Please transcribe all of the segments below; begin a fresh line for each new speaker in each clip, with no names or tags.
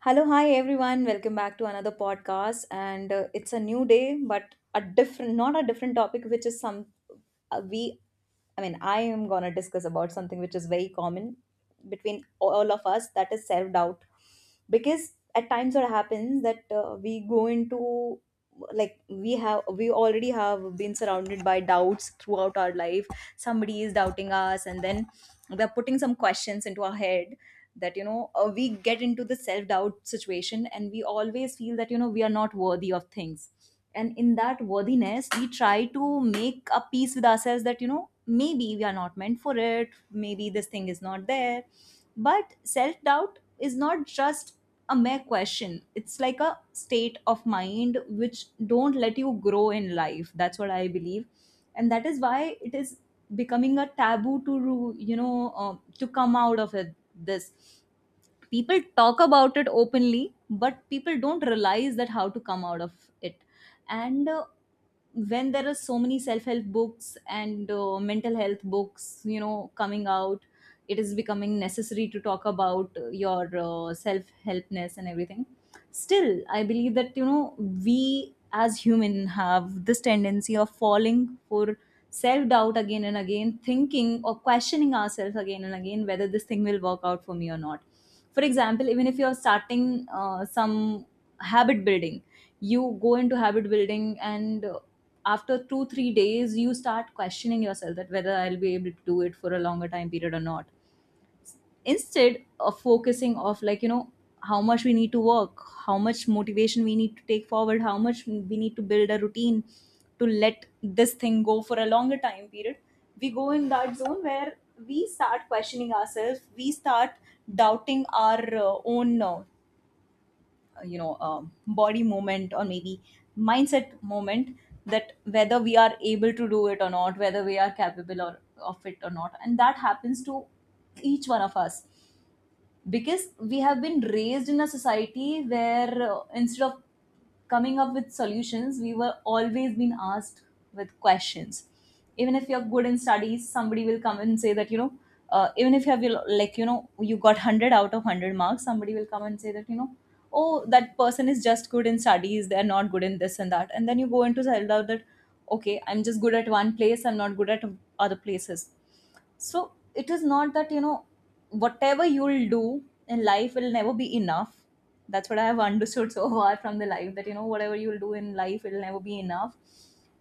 Hello, hi everyone. Welcome back to another podcast. And it's a new day, but a different, not a different topic, which is some we. I mean, I am gonna discuss about something which is very common between all of us. That is self doubt, because at times it happens that we go into like we already have been surrounded by doubts throughout our life. Somebody is doubting us, and then they're putting some questions into our head that you know we get into the self doubt situation, and we always feel that you know we are not worthy of things, and in that worthiness we try to make a peace with ourselves that you know maybe we are not meant for it, maybe this thing is not there. But self doubt is not just a mere question, it's like a state of mind which don't let you grow in life. That's what I believe, and that is why it is becoming a taboo to to come out of it. This people talk about it openly, but people don't realize that how to come out of it. And when there are so many self-help books and mental health books you know coming out, it is becoming necessary to talk about your self-helpness and everything. Still I believe that you know we as human have this tendency of falling for self-doubt again and again, thinking or questioning ourselves again and again whether this thing will work out for me or not. For example, even if you're starting some habit building, you go into habit building, and after 2 3 days you start questioning yourself that whether I'll be able to do it for a longer time period or not, instead of focusing of like you know how much we need to work, how much motivation we need to take forward, how much we need to build a routine to let this thing go for a longer time period. We go in that zone where we start questioning ourselves, we start doubting our own body movement, or maybe mindset moment, that whether we are able to do it or not, whether we are capable or, of it or not. And that happens to each one of us, because we have been raised in a society where instead of coming up with solutions we were always being asked with questions. Even if you're good in studies, somebody will come and say that you know even if you have like you know you got 100 out of 100 marks, somebody will come and say that you know, oh, that person is just good in studies, they're not good in this and that. And then you go into find out that, okay, I'm just good at one place, I'm not good at other places. So it is not that, you know, whatever you'll do in life will never be enough. That's what I have understood so far from the life, that, you know, whatever you'll do in life, it'll never be enough.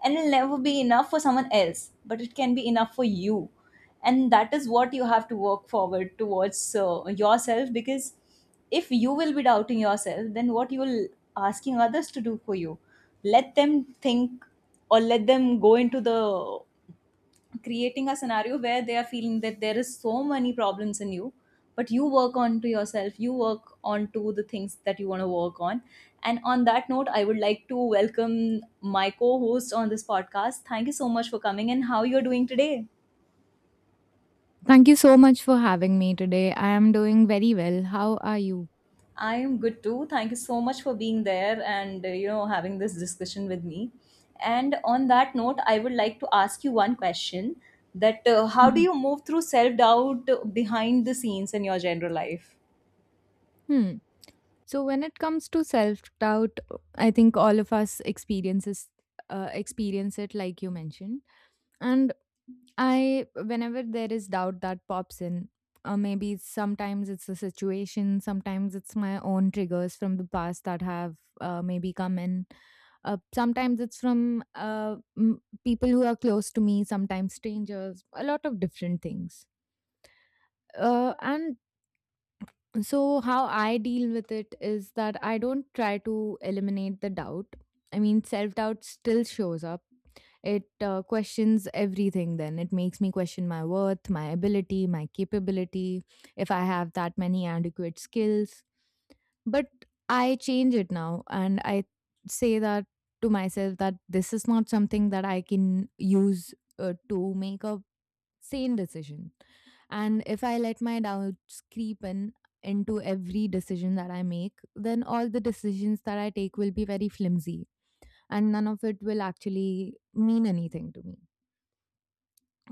And it'll never be enough for someone else, but it can be enough for you. And that is what you have to work forward towards yourself, because if you will be doubting yourself, then what you will asking others to do for you. Let them think, or let them go into the creating a scenario where they are feeling that there is so many problems in you. But you work on to yourself, you work on to the things that you want to work on. And on that note, I would like to welcome my co-host on this podcast. Thank you so much for coming, and how you're doing today?
Thank you so much for having me today. I am doing very well. How are you?
I am good too. Thank you so much for being there and you know having this discussion with me. And on that note, I would like to ask you one question, that how do
Mhm.
you move through self doubt behind the scenes in your general life?
Hmm. So when it comes to self-doubt, I think all of us experience it like you mentioned. And I Whenever there is doubt that pops in, maybe sometimes it's a situation, sometimes it's my own triggers from the past that have maybe come in. Sometimes it's from uh, m- people who are close to me, sometimes strangers, a lot of different things. And So how I deal with it is that I don't try to eliminate the doubt. I mean, self doubt still shows up. It questions everything, then it makes me question my worth, my ability, my capability, if I have that many adequate skills. But I change it now and I say that to myself, that this is not something that I can use to make a sane decision. And if I let my doubts creep in into every decision that I make, then all the decisions that I take will be very flimsy and none of it will actually mean anything to me.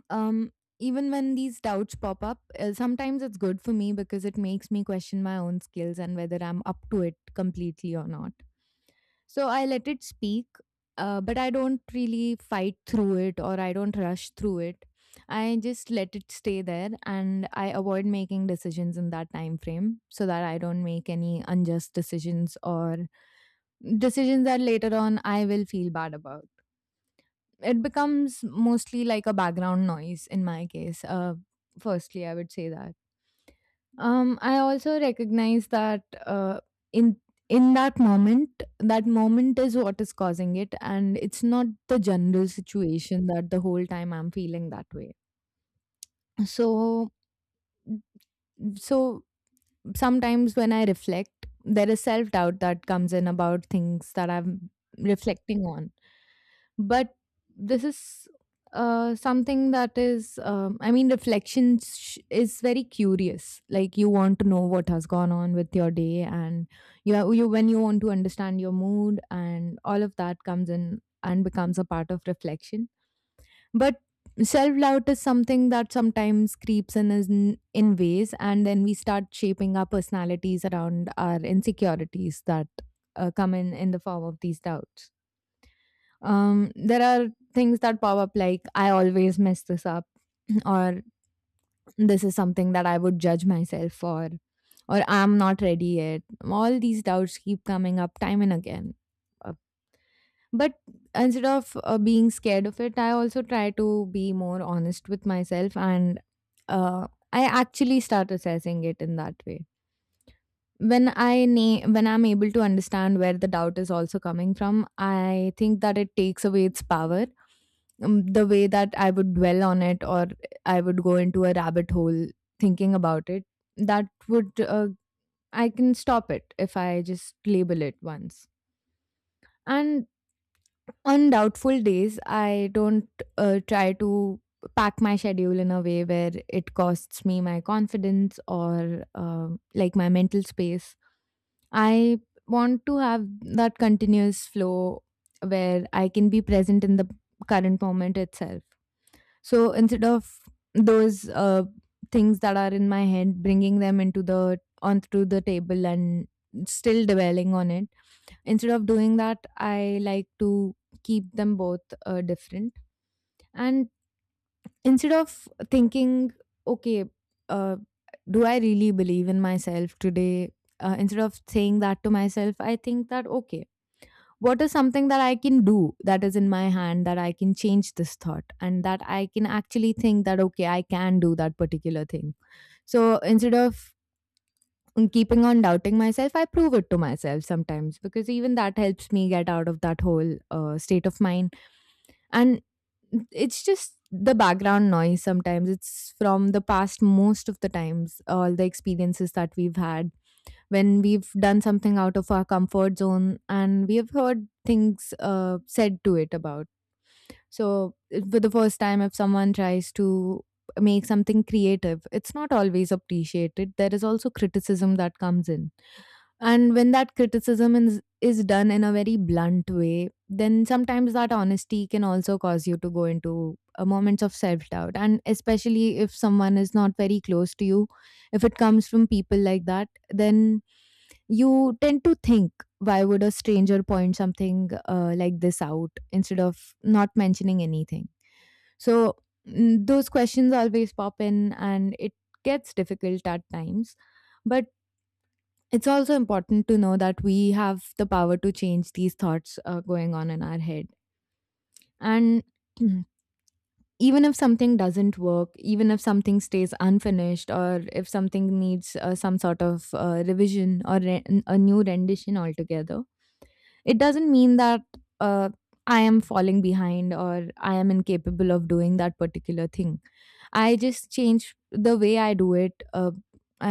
Um, Even when these doubts pop up, sometimes it's good for me because it makes me question my own skills and whether I'm up to it completely or not. So I let it speak, but I don't really fight through it or I don't rush through it. I just let it stay there and I avoid making decisions in that time frame so that I don't make any unjust decisions or decisions that later on I will feel bad about. It becomes mostly like a background noise in my case. Firstly, I would say that. I also recognize that in in that moment is what is causing it, and it's not the general situation that the whole time I'm feeling that way. So, so, sometimes when I reflect, there is self doubt that comes in about things that I'm reflecting on. But this is something that is I mean, is very curious. Like, you want to know what has gone on with your day and you, have, you when you want to understand your mood and all of that comes in and becomes a part of reflection. But self doubt is something that sometimes creeps in in ways, and then we start shaping our personalities around our insecurities that come in the form of these doubts. There are things that pop up like, I always mess this up, or this is something that I would judge myself for, or I'm not ready yet. All these doubts keep coming up time and again. Uh, But instead of being scared of it, I also try to be more honest with myself and uh, I actually start assessing it in that way. When I'm able to understand where the doubt is also coming from, I think that it takes away its power. The way that I would dwell on it, or I would go into a rabbit hole thinking about it, that would, uh, I can stop it if I just label it once. And on doubtful days, I don't try to pack my schedule in a way where it costs me my confidence or like my mental space. I want to have that continuous flow where I can be present in the current moment itself. So instead of those things that are in my head, bringing them into the onto the table and still dwelling on it, instead of doing that, I like to keep them both different. And instead of thinking, okay, uh, do I really believe in myself today? Instead of saying that to myself, I think that, okay, what is something that I can do that is in my hand, that I can change this thought and that I can actually think that, okay, I can do that particular thing. So instead of keeping on doubting myself, I prove it to myself sometimes, because even that helps me get out of that whole state of mind. And it's just the background noise sometimes. It's from the past most of the times, all the experiences that we've had when we've done something out of our comfort zone and we have heard things said to it about. So, for the first time, if someone tries to make something creative, it's not always appreciated. There is also criticism that comes in. And when that criticism is done in a very blunt way, then sometimes that honesty can also cause you to go into moments of self doubt. And especially if someone is not very close to you, if it comes from people like that, then you tend to think, why would a stranger point something like this out instead of not mentioning anything? So those questions always pop in and it gets difficult at times. But it's also important to know that we have the power to change these thoughts going on in our head. And even if something doesn't work, even if something stays unfinished, or if something needs some sort of revision or a new rendition altogether, it doesn't mean that uh, I am falling behind or I am incapable of doing that particular thing. I just change the way I do it.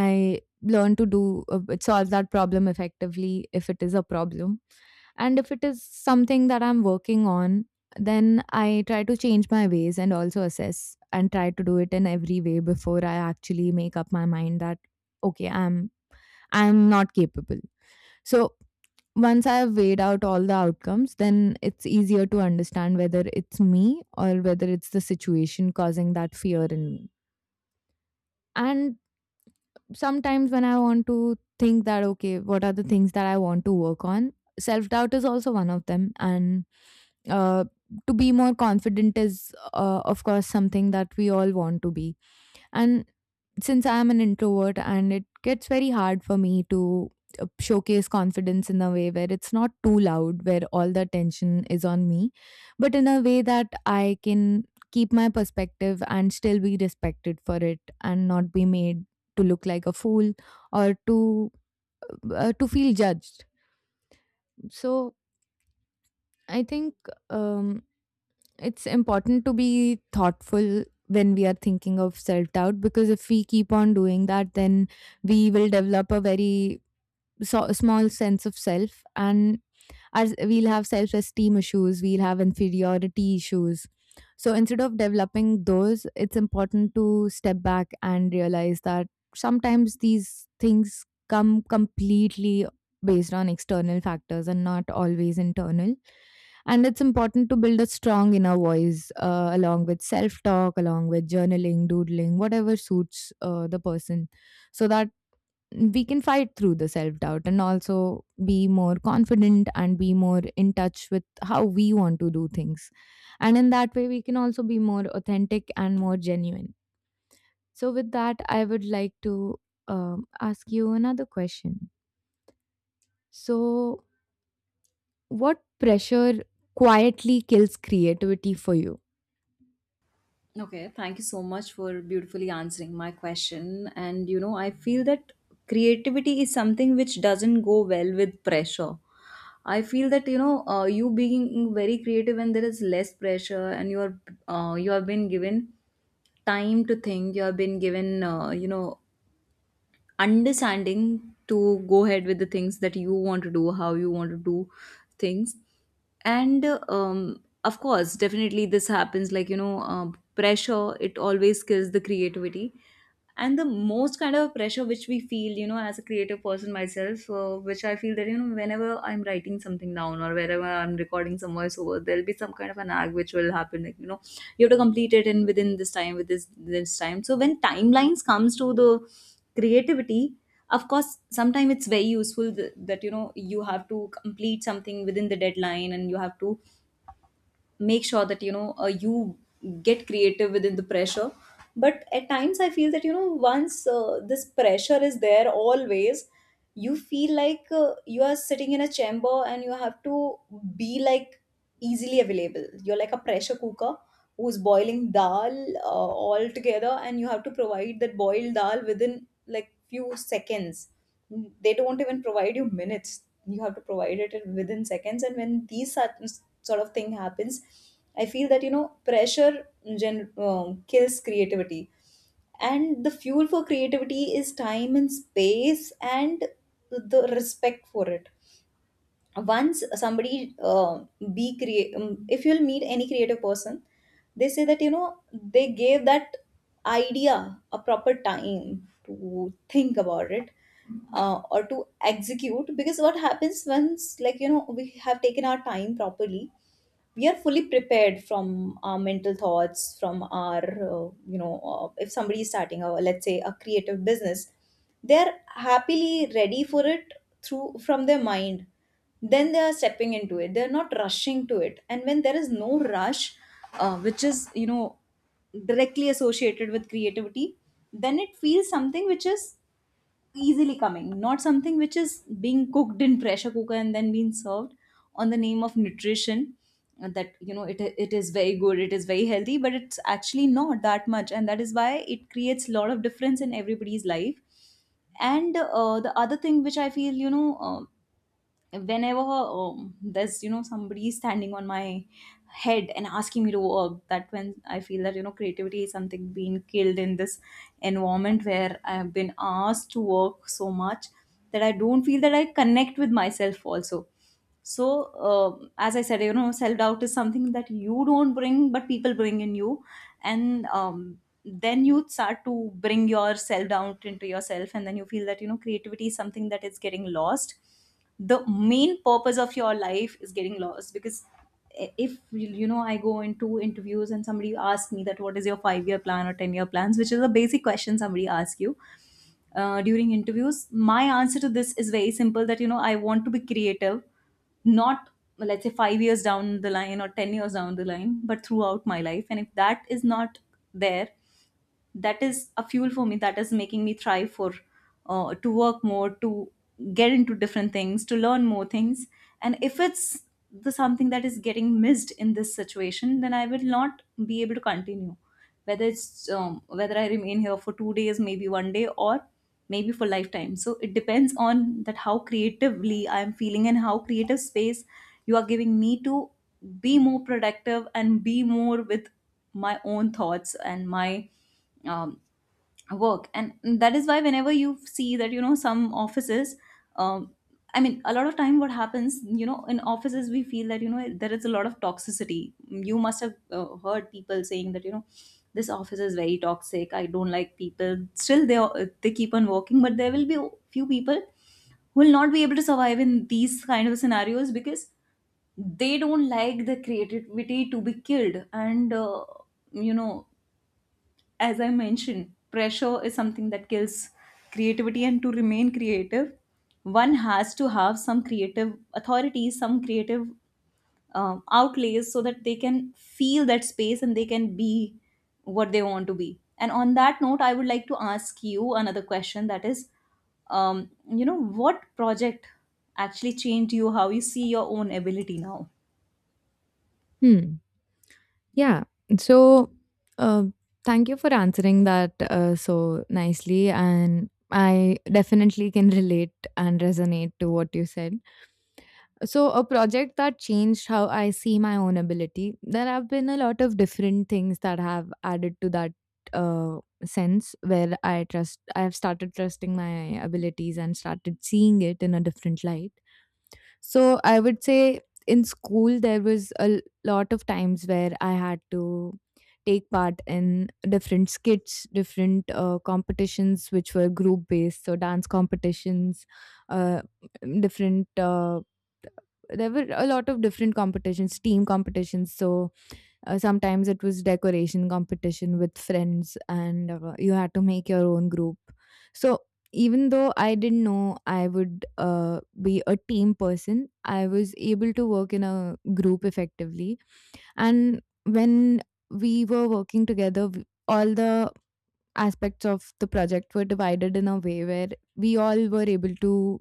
I learn to do solve that problem effectively if it is a problem. And if it is something that I'm working on, then I try to change my ways and also assess and try to do it in every way before I actually make up my mind that, okay, I'm not capable. So once I have weighed out all the outcomes, then it's easier to understand whether it's me or whether it's the situation causing that fear in me. And sometimes when I want to think that, okay, what are the things that I want to work on? Self doubt is also one of them. And uh, to be more confident is, of course, something that we all want to be. And since I'm an introvert and it gets very hard for me to showcase confidence in a way where it's not too loud, where all the attention is on me, but in a way that I can keep my perspective and still be respected for it and not be made to look like a fool or to feel judged. So I think, um it's important to be thoughtful when we are thinking of self doubt, because if we keep on doing that, then we will develop a very small sense of self and we'll have self-esteem issues, we'll have inferiority issues. So instead of developing those, it's important to step back and realize that sometimes these things come completely based on external factors and not always internal. And it's important to build a strong inner voice along with self talk, along with journaling, doodling, whatever suits the person, so that we can fight through the self doubt and also be more confident and be more in touch with how we want to do things. And in that way, we can also be more authentic and more genuine. So, with that, I would like to ask you another question. So, what pressure quietly kills creativity for you?
Okay, thank you so much for beautifully answering my question. And you know, I feel that creativity is something which doesn't go well with pressure. I feel that you know, you being very creative and there is less pressure, and you are you have been given time to think. You have been given you know understanding to go ahead with the things that you want to do, how you want to do things. And of course, definitely this happens like, you know, pressure, it always kills the creativity. And the most kind of pressure which we feel, you know, as a creative person myself, which I feel that, you know, whenever I'm writing something down or wherever I'm recording some voiceover, there'll be some kind of an ag which will happen, like, you know, you have to complete it in within this time with this time. So when timelines comes to the creativity, of course, sometimes it's very useful that you know you have to complete something within the deadline, and you have to make sure that you know you get creative within the pressure. But at times I feel that you know once this pressure is there always, you feel like you are sitting in a chamber and you have to be like easily available. You're like a pressure cooker who's boiling dal all together, and you have to provide that boiled dal within like few seconds. They don't even provide you minutes, you have to provide it within seconds. And when these certain sort of thing happens, I feel that you know pressure kills creativity. And the fuel for creativity is time and space, and the respect for it. Once somebody be create if you'll meet any creative person, they say that you know they gave that idea a proper time to think about it, or to execute. Because what happens, once like you know we have taken our time properly, we are fully prepared from our mental thoughts, from our if somebody is starting a, let's say, a creative business, they're happily ready for it through from their mind, then they are stepping into it, they're not rushing to it. And when there is no rush, which is you know directly associated with creativity, then it feels something which is easily coming, not something which is being cooked in pressure cooker and then being served on the name of nutrition, that you know it is very good, it is very healthy, but it's actually not that much. And that is why it creates a lot of difference in everybody's life. And the other thing which I feel you know, whenever there's you know somebody standing on my head and asking me to work, that when I feel that you know creativity is something being killed in this environment where I have been asked to work so much that I don't feel that I connect with myself also. So as I said, you know self doubt is something that you don't bring, but people bring in you. And then you start to bring your self doubt into yourself, and then you feel that you know creativity is something that is getting lost, the main purpose of your life is getting lost. Because if you know I go into interviews and somebody asks me that what is your 5 year plan or 10-year plans, which is a basic question somebody asks you during interviews, my answer to this is very simple, that you know I want to be creative, not, let's say, 5 years down the line or 10 years down the line, but throughout my life. And if that is not there, that is a fuel for me, that is making me thrive for to work more, to get into different things, to learn more things. And if it's the something that is getting missed in this situation, then I will not be able to continue, whether it's whether I remain here for 2 days, maybe one day, or maybe for lifetime. So it depends on that how creatively I am feeling and how creative space you are giving me to be more productive and be more with my own thoughts and my um, work. And that is why whenever you see that you know some offices, um, I mean, a lot of time what happens you know in offices, we feel that you know there is a lot of toxicity. You must have heard people saying that you know this office is very toxic, I don't like people, still they keep on working. But there will be few people Who will not be able to survive in these kind of scenarios because they don't like the creativity to be killed, and you know as I mentioned, pressure is something that kills creativity, and to remain creative, one has to have some creative authority, some creative outlays so that they can feel that space and they can be what they want to be. And on that note, I would like to ask you another question, that is, you know, what project actually changed you, how you see your own ability now?
Hmm. Yeah. So, uh, thank you for answering that so nicely. And I definitely can relate and resonate to what you said. So, a project that changed how I see my own ability, there have been a lot of different things that have added to that uh, sense where I have started trusting my abilities and started seeing it in a different light. So, I would say in school, there was a lot of times where I had to take part in different skits, different competitions, which were group based, so dance competitions, uh, different. There were a lot of different competitions, team competitions. So sometimes it was decoration competition with friends, and you had to make your own group. So even though I didn't know I would be a team person, I was able to work in a group effectively. And when we were working together, all the aspects of the project were divided in a way where we all were able to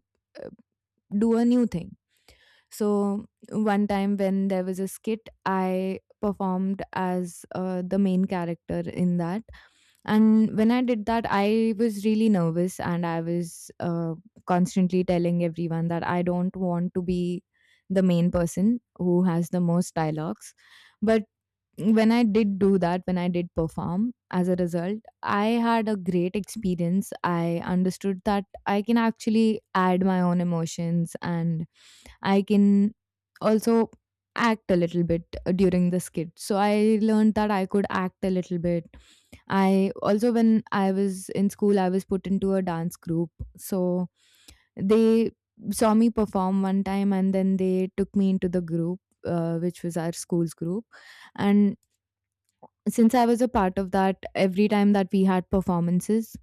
do a new thing. So one time when there was a skit, I performed as the main character in that. And when I did that, I was really nervous and I was constantly telling everyone that I don't want to be the main person who has the most dialogues. But when I did do that, when I did perform, as a result, I had a great experience. I understood that I can actually add my own emotions and I can also act a little bit during the skit. So I learned that I could act a little bit. I also, when I was in school, I was put into a dance group. So they saw me perform one time and then they took me into the group, which was our school's group, and since I was a part of that, every time that we had performances,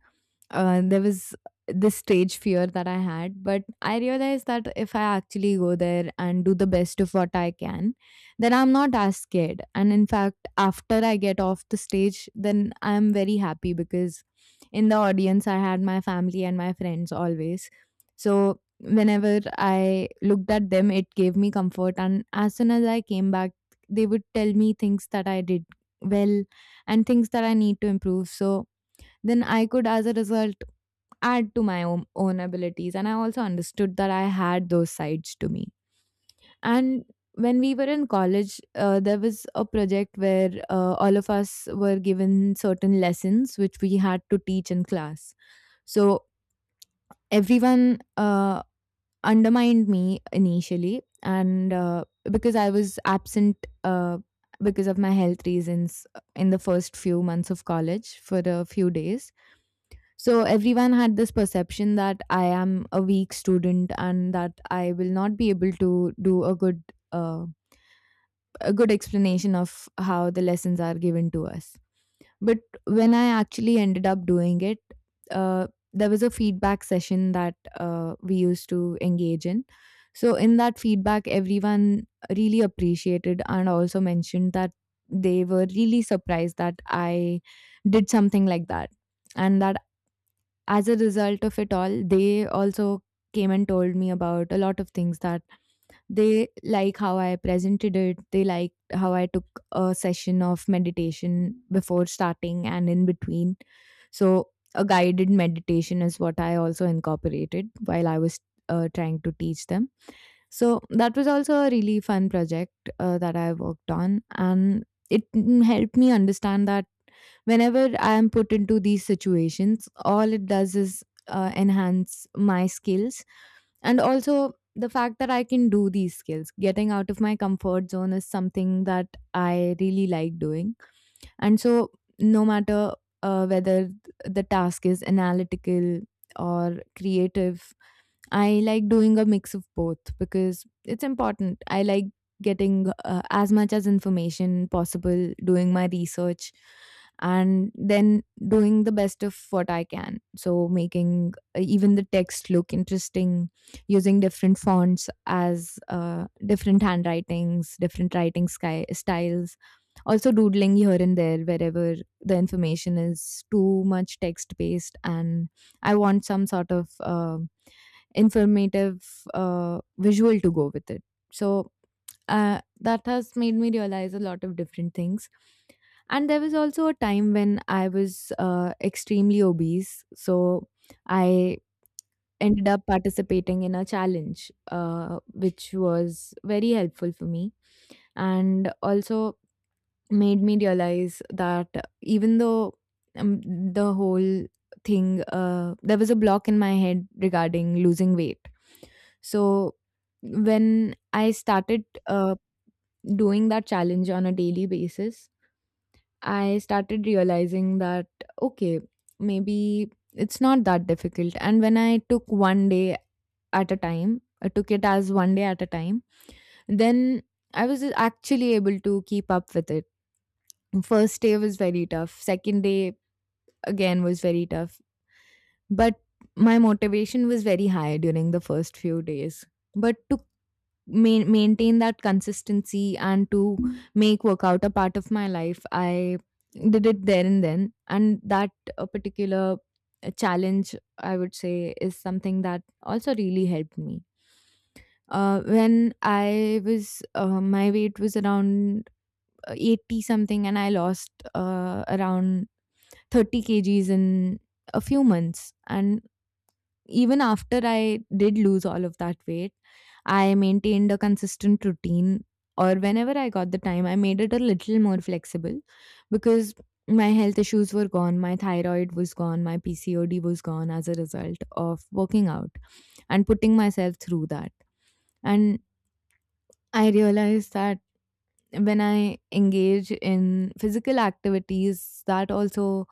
there was this stage fear that I had. But I realized that if I actually go there and do the best of what I can, then I'm not as scared. And in fact, after I get off the stage, then I'm very happy because in the audience, I had my family and my friends always. So whenever I looked at them, it gave me comfort. And as soon as I came back, they would tell me things that I did well and things that I need to improve. So then I could, as a result, add to my own abilities. And I also understood that I had those sides to me. And when we were in college, there was a project where all of us were given certain lessons which we had to teach in class. So everyone undermined me initially, and because I was absent, because of my health reasons, in the first few months of college for a few days. So everyone had this perception that I am a weak student and that I will not be able to do uh, a good explanation of how the lessons are given to us. But when I actually ended up doing it, uh, there was a feedback session that we used to engage in. So, in that feedback, everyone really appreciated and also mentioned that they were really surprised that I did something like that, and that as a result of it all, they also came and told me about a lot of things that they like how I presented it. They liked how I took a session of meditation before starting and in between. So, a guided meditation is what I also incorporated while I was trying to teach them. So that was also a really fun project that I worked on, and it helped me understand that whenever I am put into these situations, all it does is enhance my skills, and also the fact that I can do these skills. Getting out of my comfort zone is something that I really like doing, and so no matter whether the task is analytical or creative, I like doing a mix of both because it's important. I like getting as much as information possible, doing my research, and then doing the best of what I can. So making even the text look interesting, using different fonts as different handwritings, different writing styles. Also doodling here and there wherever the information is too much text based and I want some sort of informative visual to go with it. So that has made me realize a lot of different things. And there was also a time when I was extremely obese. So I ended up participating in a challenge, which was very helpful for me. And also, made me realize that even though, um, the whole thing, there was a block in my head regarding losing weight. So when I started doing that challenge on a daily basis, I started realizing that, okay, maybe it's not that difficult. And when I took one day at a time, I took it as one day at a time, then I was actually able to keep up with it. First day was very tough, second day again was very tough, but my motivation was very high during the first few days. But to maintain that consistency and to make workout a part of my life, I did it there and then, and that particular challenge, I would say, is something that also really helped me. When I was, my weight was around 80 something, and I lost around 30 kgs in a few months. And even after I did lose all of that weight, I maintained a consistent routine, or whenever I got the time, I made it a little more flexible because my health issues were gone, my thyroid was gone, my PCOD was gone as a result of working out and putting myself through that. And I realized that when I engage in physical activities, that also,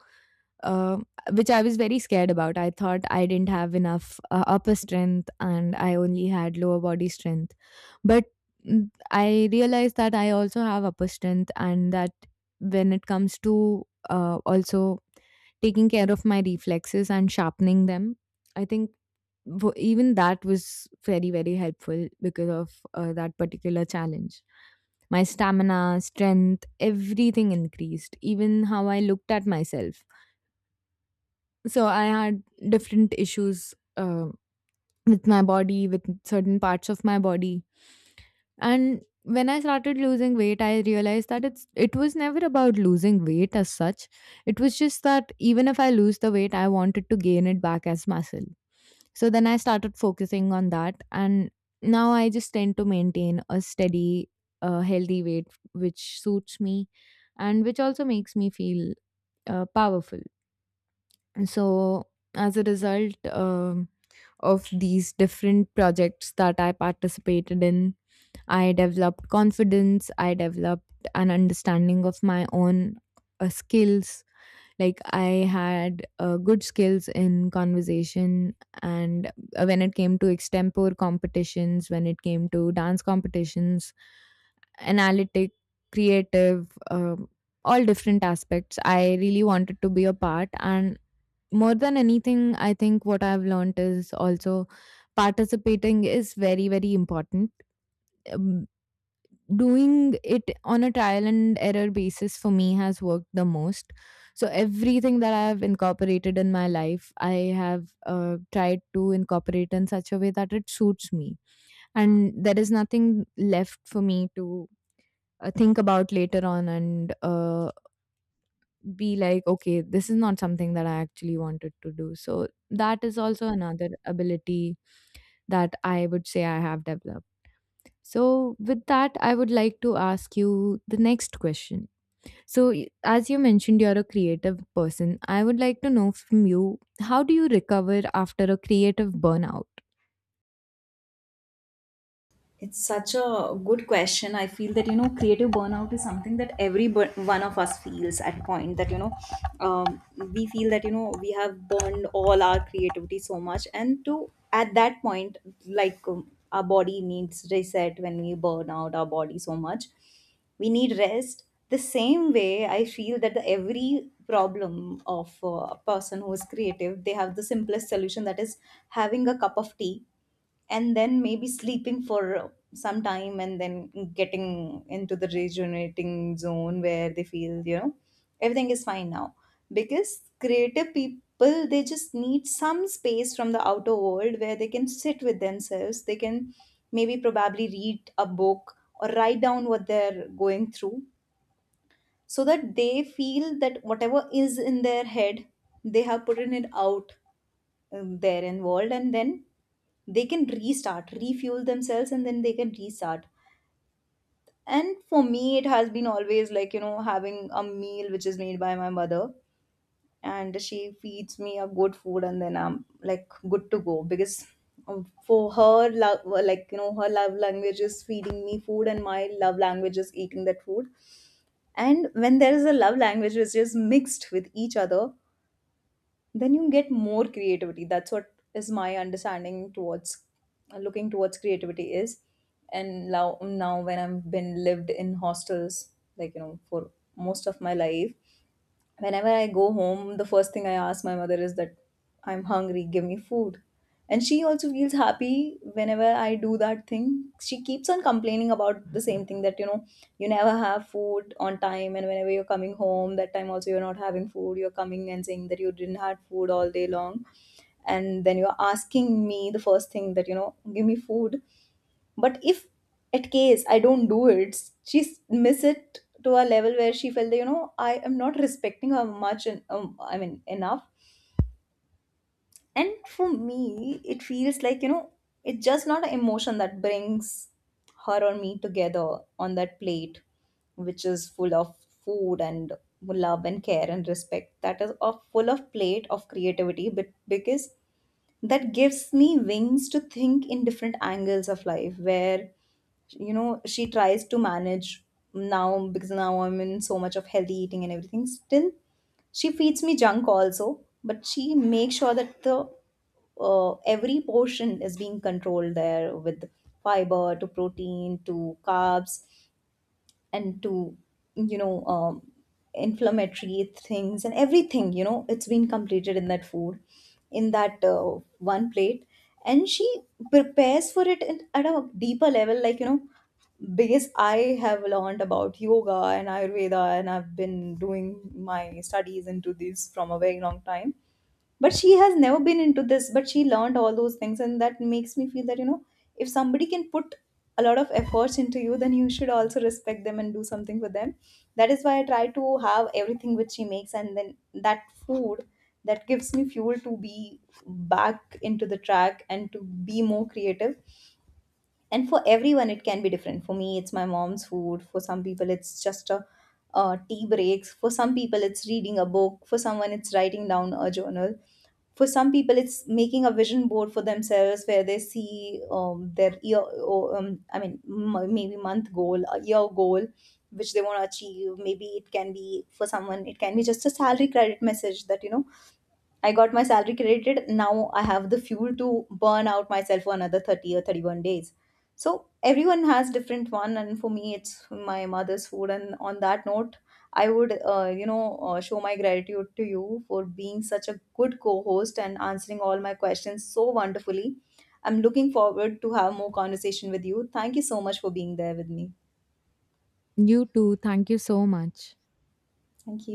um, which I was very scared about. I thought I didn't have enough upper strength and I only had lower body strength. But I realized that I also have upper strength, and that when it comes to also taking care of my reflexes and sharpening them, I think even that was very, very helpful. Because of that particular challenge, my stamina, strength, everything increased. Even how I looked at myself. So I had different issues with my body, with certain parts of my body. And when I started losing weight, I realized that it was never about losing weight as such. It was just that even if I lose the weight, I wanted to gain it back as muscle. So then I started focusing on that, and now I just tend to maintain a steady, healthy weight, which suits me, and which also makes me feel powerful. So as a result. Of these different projects that I participated in, I developed confidence, I developed an understanding of my own skills. Like, I had good skills in conversation, and when it came to extempore competitions, when it came to dance competitions, analytic, creative, all different aspects. I really wanted to be a part, and more than anything, I think what I've learned is also participating is very, very important. Um, Doing it on a trial and error basis for me has worked the most. So, everything that I've incorporated in my life, I have tried to incorporate in such a way that it suits me. And there is nothing left for me to think about later on and be like, okay, this is not something that I actually wanted to do. So that is also another ability that I would say I have developed. So, with that, I would like to ask you the next question. So, as you mentioned, you're a creative person. I would like to know from you, how do you recover after a creative burnout?
It's such a good question. I feel that you know, creative burnout is something that every one of us feels at point that you know, um, we feel that you know we have burned all our creativity so much, and to at that point, like our body needs reset. When we burn out our body so much, we need rest. The same way, I feel that the every problem of a person who is creative, they have the simplest solution, that is having a cup of tea and then maybe sleeping for some time and then getting into the rejuvenating zone where they feel you know everything is fine now, because creative people, they just need some space from the outer world where they can sit with themselves. They can maybe probably read a book or write down what they're going through, so that they feel that whatever is in their head, they have put it out there in world. And then they can restart, refuel themselves, and then they can restart. And for me, it has been always like you know having a meal which is made by my mother, and she feeds me a good food, and then I'm like good to go. Because for her love, like you know, her love language is feeding me food, and my love language is eating that food. And when there is a love language which is mixed with each other, then you get more creativity. That's what is my understanding towards looking towards creativity is. And now, when I've been lived in hostels, like you know, for most of my life, whenever I go home, the first thing I ask my mother is that, I'm hungry, give me food. And she also feels happy whenever I do that thing. She keeps on complaining about the same thing, that, you know, you never have food on time, and whenever you're coming home, that time also you're not having food. You're coming and saying that you didn't have food all day long, and then you're asking me the first thing, that, you know, give me food. But if at case I don't do it, she miss it to a level where she felt that you know I am not respecting her much and I mean enough. And for me, it feels like you know it's just not an emotion that brings her or me together on that plate, which is full of food and love and care and respect. That is a full of plate of creativity, but because that gives me wings to think in different angles of life, where you know she tries to manage now, because now I'm in so much of healthy eating and everything, still she feeds me junk also, but she makes sure that the every portion is being controlled there, with fiber to protein to carbs and to you know um, inflammatory things and everything, you know, it's been completed in that food, in that one plate. And she prepares for it in, at a deeper level, like you know, because I have learned about yoga and Ayurveda, and I've been doing my studies into this from a very long time, but she has never been into this, but she learned all those things, and that makes me feel that you know if somebody can put a lot of efforts into you, then you should also respect them and do something for them. That is why I try to have everything which she makes, and then that food, that gives me fuel to be back into the track and to be more creative. And for everyone it can be different. For me it's my mom's food. For some people it's just a tea breaks, for some people it's reading a book, for someone it's writing down a journal, for some people it's making a vision board for themselves where they see their year, maybe month goal, a year goal which they want to achieve. Maybe it can be, for someone it can be just a salary credit message that, you know, I got my salary credited. Now I have the fuel to burn out myself for another 30 or 31 days. So everyone has different one. And for me, it's my mother's food. And on that note, I would, show my gratitude to you for being such a good co-host and answering all my questions so wonderfully. I'm looking forward to have more conversation with you. Thank you so much for being there with me.
You too. Thank you so much.
Thank you.